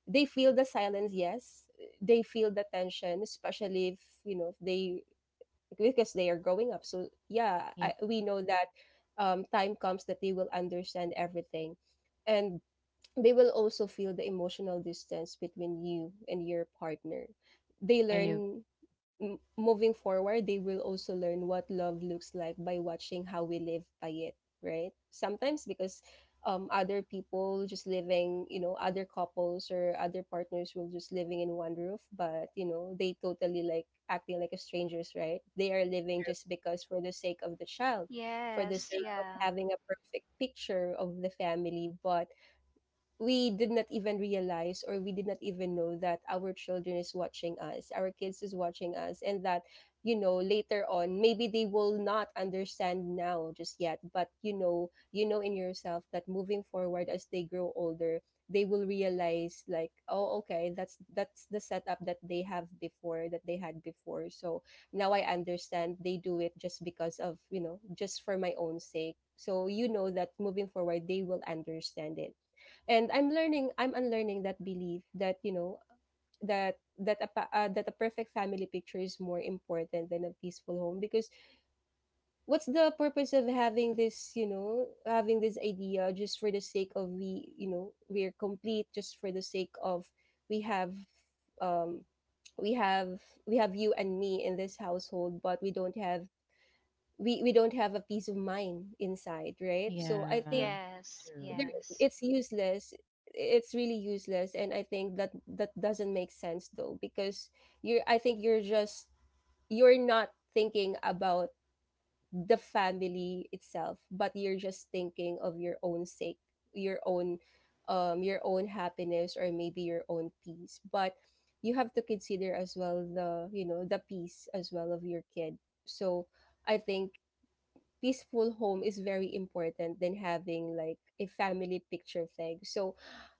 A: They feel the silence, yes. They feel the tension, especially, if you know, if they, because they are growing up. So yeah, I,
B: yeah.
A: we know that, time comes that they will understand everything, and they will also feel the emotional distance between you and your partner. They
B: Are you?
A: learn, moving forward, they will also learn what love looks like by watching how we live by it, right? Sometimes because, other people just living, you know, other couples or other partners will just living in one roof, but you know, they totally like acting like a strangers, right? They are living just because for the sake of the child, for the
C: yes,
A: sake
B: Yeah,
A: of
C: yeah,
A: having a perfect picture of the family. But we did not even realize, or we did not even know, that our children is watching us, our kids is watching us. And that, you know, later on maybe they will not understand now just yet, but you know, you know in yourself that moving forward, as they grow older, they will realize like, oh okay, that's the setup that they have before, that they had before. So now I understand they do it just because of, you know, just for my own sake. So you know that moving forward they will understand it. And I'm unlearning that belief that, you know, that a that a perfect family picture is more important than a peaceful home. Because what's the purpose of having this, you know, having this idea just for the sake of, we you know, we're complete, just for the sake of, we have um we have we have you and me in this household, but we don't have, we don't have a peace of mind inside, right? So I think,
B: yeah.
C: yes,
B: True.
A: there
C: yes,
A: it's useless. It's really useless. And I think that that doesn't make sense though, because you're, I think you're just, you're not thinking about the family itself, but you're just thinking of your own sake, your own, your own happiness, or maybe your own peace. But you have to consider as well the, you know, the peace as well of your kid. So I think peaceful home is very important than having like a family picture thing. So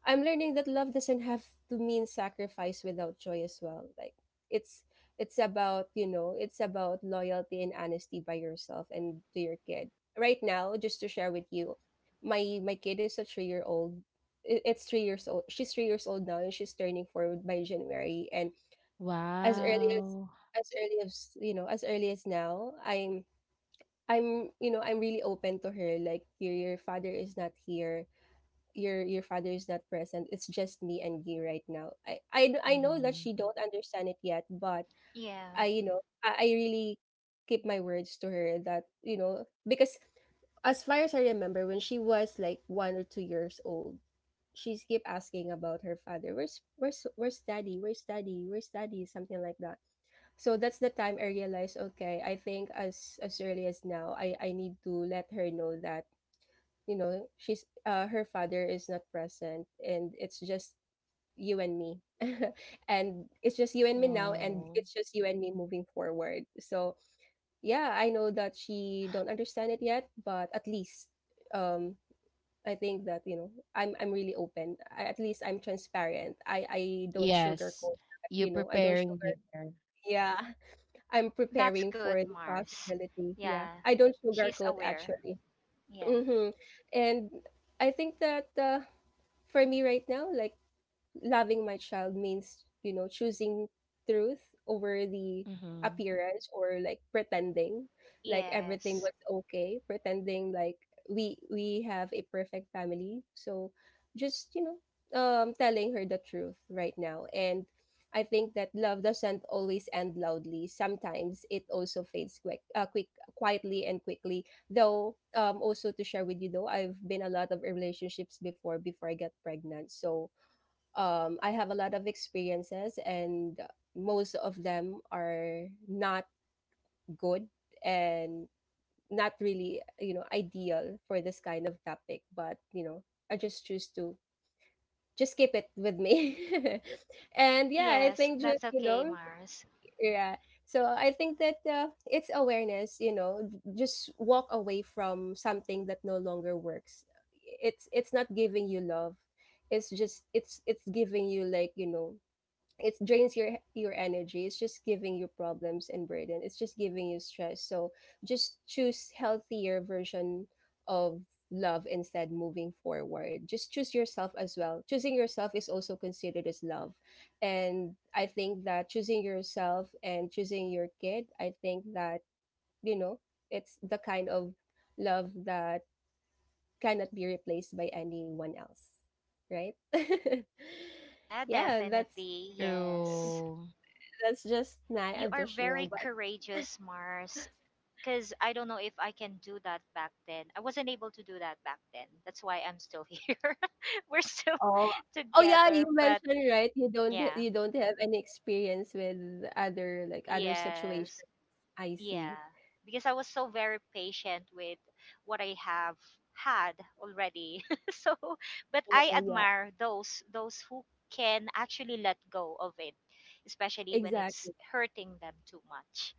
A: I'm learning that love doesn't have to mean sacrifice without joy as well. Like, it's it's about, you know, it's about loyalty and honesty by yourself and to your kid. Right now, just to share with you, my kid is a 3-year old. It's 3 years old. She's 3 years old now and she's turning 4 by January. And as early as,
B: Wow.
A: as early as, you know, as early as now, I'm you know I'm really open to her, like, your father is not here, your father is not present, it's just me and you right now. I know that she
B: Mhm.
A: don't understand it yet, but
C: yeah.
A: I, you know, I really keep my words to her that, you know, because as far as I remember when she was like 1 or 2 years old, she keep asking about her father, where's where's daddy where's daddy, something like that. So that's the time I realized, okay, I think as, I need to let her know that, you know, she's her father is not present, and it's just you and me. And it's just you and me now, and
B: Oh,
A: it's just you and me moving forward. So yeah, I know that she don't understand it yet, but at least, um. I think that, you know, I'm really open. At least I'm transparent. I don't
B: yes.
A: sugarcoat.
B: You
A: You know, I don't
B: preparing
A: sugar.
B: dinner.
A: Yeah. I'm
C: That's
A: preparing for
C: good,
A: the
C: Mars.
A: possibility. Yeah,
C: Yeah,
A: I don't
C: she's
A: sugarcoat
C: aware.
A: actually.
C: Yeah,
A: Mm-hmm. And I think that, for me right now, like, loving my child means, you know, choosing truth over the
B: Mm-hmm.
A: appearance, or like pretending like everything
C: yes,
A: was okay, pretending like we have a perfect family. So just, you know, telling her the truth right now. And I think that love doesn't always end loudly, sometimes it also fades quick quick quietly and quickly though. Also to share with you though, I've been a lot of relationships before before I got pregnant. So, I have a lot of experiences, and most of them are not good, and not really, you know, ideal for this kind of topic. But, you know, I just choose to just keep it with me. And yeah, I
C: yes,
A: think just,
C: that's
A: you
C: okay,
A: know,
C: Mars.
A: yeah. So I think that, it's awareness. You know, just walk away from something that no longer works. It's not giving you love. It's just, it's giving you, like, you know, it drains your, energy, it's just giving you problems and burden, it's just giving you stress. So just choose healthier version of love instead. Moving forward, just choose yourself as well. Choosing yourself is also considered as love. And I think that choosing yourself and choosing your kid, I think that, you know, it's the kind of love that cannot be replaced by anyone else, right?
C: Yeah,
A: Yeah,
C: definitely, yes.
B: Through.
A: that's just nice
C: You are very
A: additional. But
C: courageous, Mars. Because I don't know if I can do that back then. I wasn't able to do that back then. That's why I'm still here. We're still
A: oh, oh yeah, you
C: together, but
A: mentioned, right, you don't ha
C: yeah.
A: you don't have any experience with other, like, other situations.
C: Yes.
A: I see.
C: Yeah, because I was so very patient with what I have had already. So, but I
A: Oh yeah,
C: admire those who can actually let go of it, especially when it's
A: exactly.
C: hurting them too much.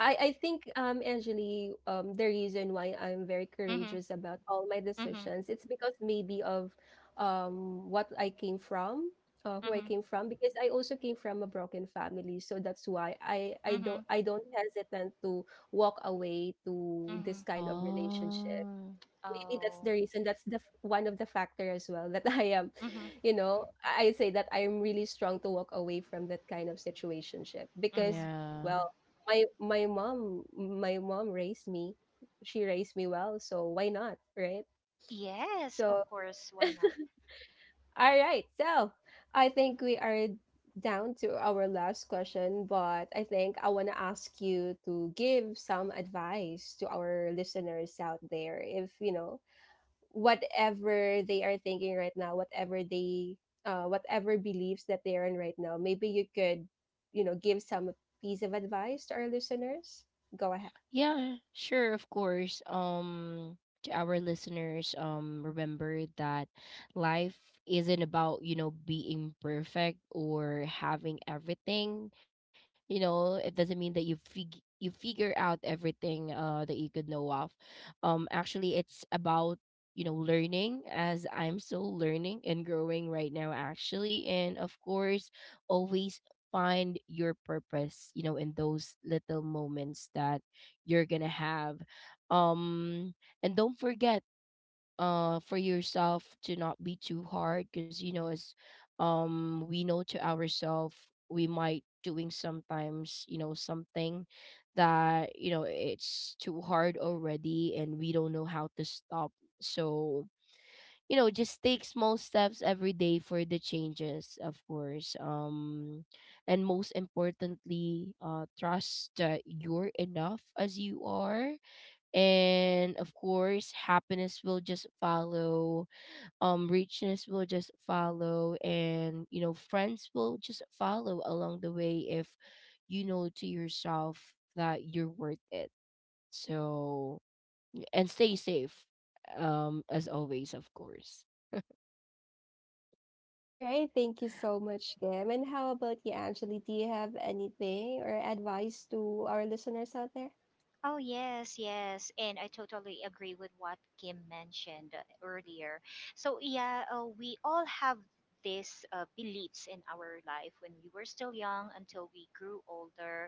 A: I think, Angeli, the reason why I'm very
C: Mhm.
A: courageous about all my
C: Mhm.
A: decisions, it's because maybe of, what I came from, who I
C: Mhm.
A: came from, because I also came from a broken family. So that's why I I don't
C: Mhm.
A: I don't hesitate to walk away to this
C: Mhm.
A: kind of relationship.
B: Oh,
A: Maybe that's the
C: Oh.
A: reason, that's the f one of the factor as well that, I am,
C: Mhm.
A: you know, I say that I'm really strong to walk away from that kind of situationship because,
C: Mhm.
B: yeah.
A: well, my mom, my mom raised me. She raised me well, so why not, right?
C: Yes,
A: So,
C: of course. Why not?
A: all right. So, I think we are down to our last question, but I think I want to ask you to give some advice to our listeners out there if, you know, whatever they are thinking right now, whatever they, whatever beliefs that they are in right now, maybe you could, you know, give some piece of advice to our listeners. Go ahead.
B: Yeah, sure, of course. To our listeners, remember that life isn't about, you know, being perfect or having everything. You know, it doesn't mean that you figure out everything that you could know of. Actually, it's about, you know, learning, as I'm still learning and growing right now, actually. And of course, always find your purpose, you know, in those little moments that you're gonna have. um and don't forget for yourself to not be too hard, because, you know, as we know to ourselves, we might doing sometimes, you know, something that, you know, it's too hard already and we don't know how to stop. So, you know, just take small steps every day for the changes, of course. And most importantly, trust that you're enough as you are, and of course happiness will just follow, richness will just follow, and, you know, friends will just follow along the way if you know to yourself that you're worth it. So, and stay safe, as always, of course.
A: All right, thank you so much, Kim. And how about you, Angeli? Do you have anything or advice to our listeners out there?
C: Oh, yes, yes. And I totally agree with what Kim mentioned earlier. So, yeah, we all have these beliefs in our life when we were still young until we grew older.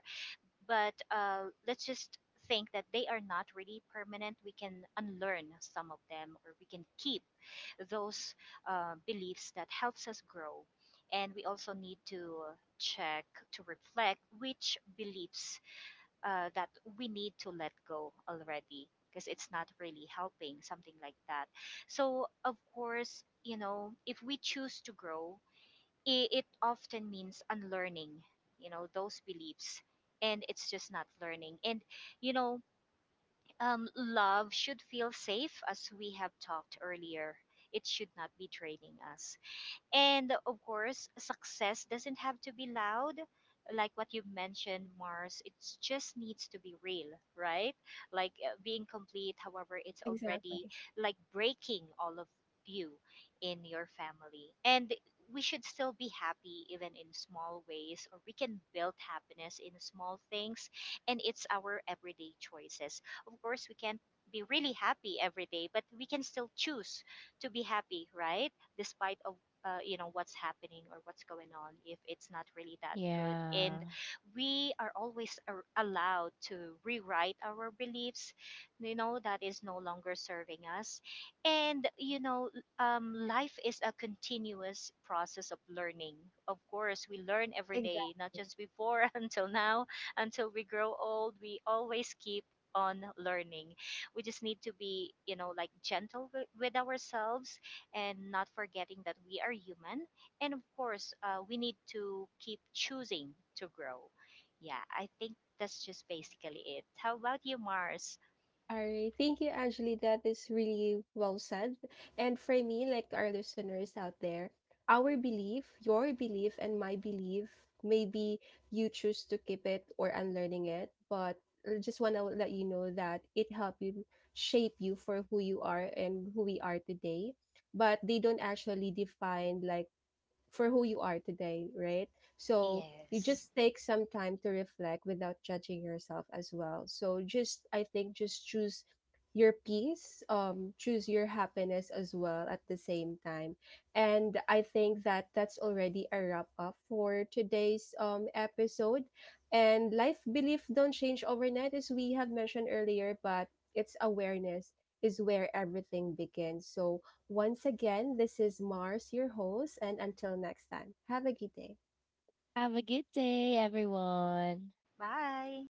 C: But let's just think that they are not really permanent. We can unlearn some of them, or we can keep those beliefs that helps us grow. And we also need to check, to reflect which beliefs that we need to let go already because it's not really helping, something like that. So, of course, you know, if we choose to grow, it often means unlearning, you know, those beliefs. And it's just not learning. And, you know, love should feel safe, as we have talked earlier. It should not be draining us. And of course, success doesn't have to be loud, like what you mentioned, Mars. It just needs to be real, right? Like being complete, however, it's already
A: Exactly.
C: like breaking all of you in your family. And we should still be happy even in small ways, or we can build happiness in small things. And it's our everyday choices. Of course, we can't be really happy every day, but we can still choose to be happy, right, despite of you know, what's happening or what's going on, if it's not really that
B: Yeah.
C: good.
B: Yeah.
C: And we are always allowed to rewrite our beliefs, you know, that is no longer serving us. And you know, life is a continuous process of learning. Of course, we learn every day, not just before until now. Until we grow old, we always keep on learning. We just need to be, you know, like gentle with ourselves, and not forgetting that we are human. And of course, we need to keep choosing to grow. Yeah, I think that's just basically it. How about you, Mars?
A: All right. Thank you, Angeli. That is really well said. And for me, like, to our listeners out there, our belief, your belief, and my belief, maybe you choose to keep it or unlearning it, but I just want to let you know that it helped you shape you for who you are and who we are today. But they don't actually define, like, for who you are today, right? So you
C: Yes.
A: just take some time to reflect without judging yourself as well. So just, I think, just choose your peace, choose your happiness as well at the same time. And I think that that's already a wrap up for today's episode. And life belief don't change overnight as we have mentioned earlier, but it's awareness is where everything begins. So once again, this is Mars, your host, and until next time, have a good day.
B: Have a good day, everyone.
C: Bye.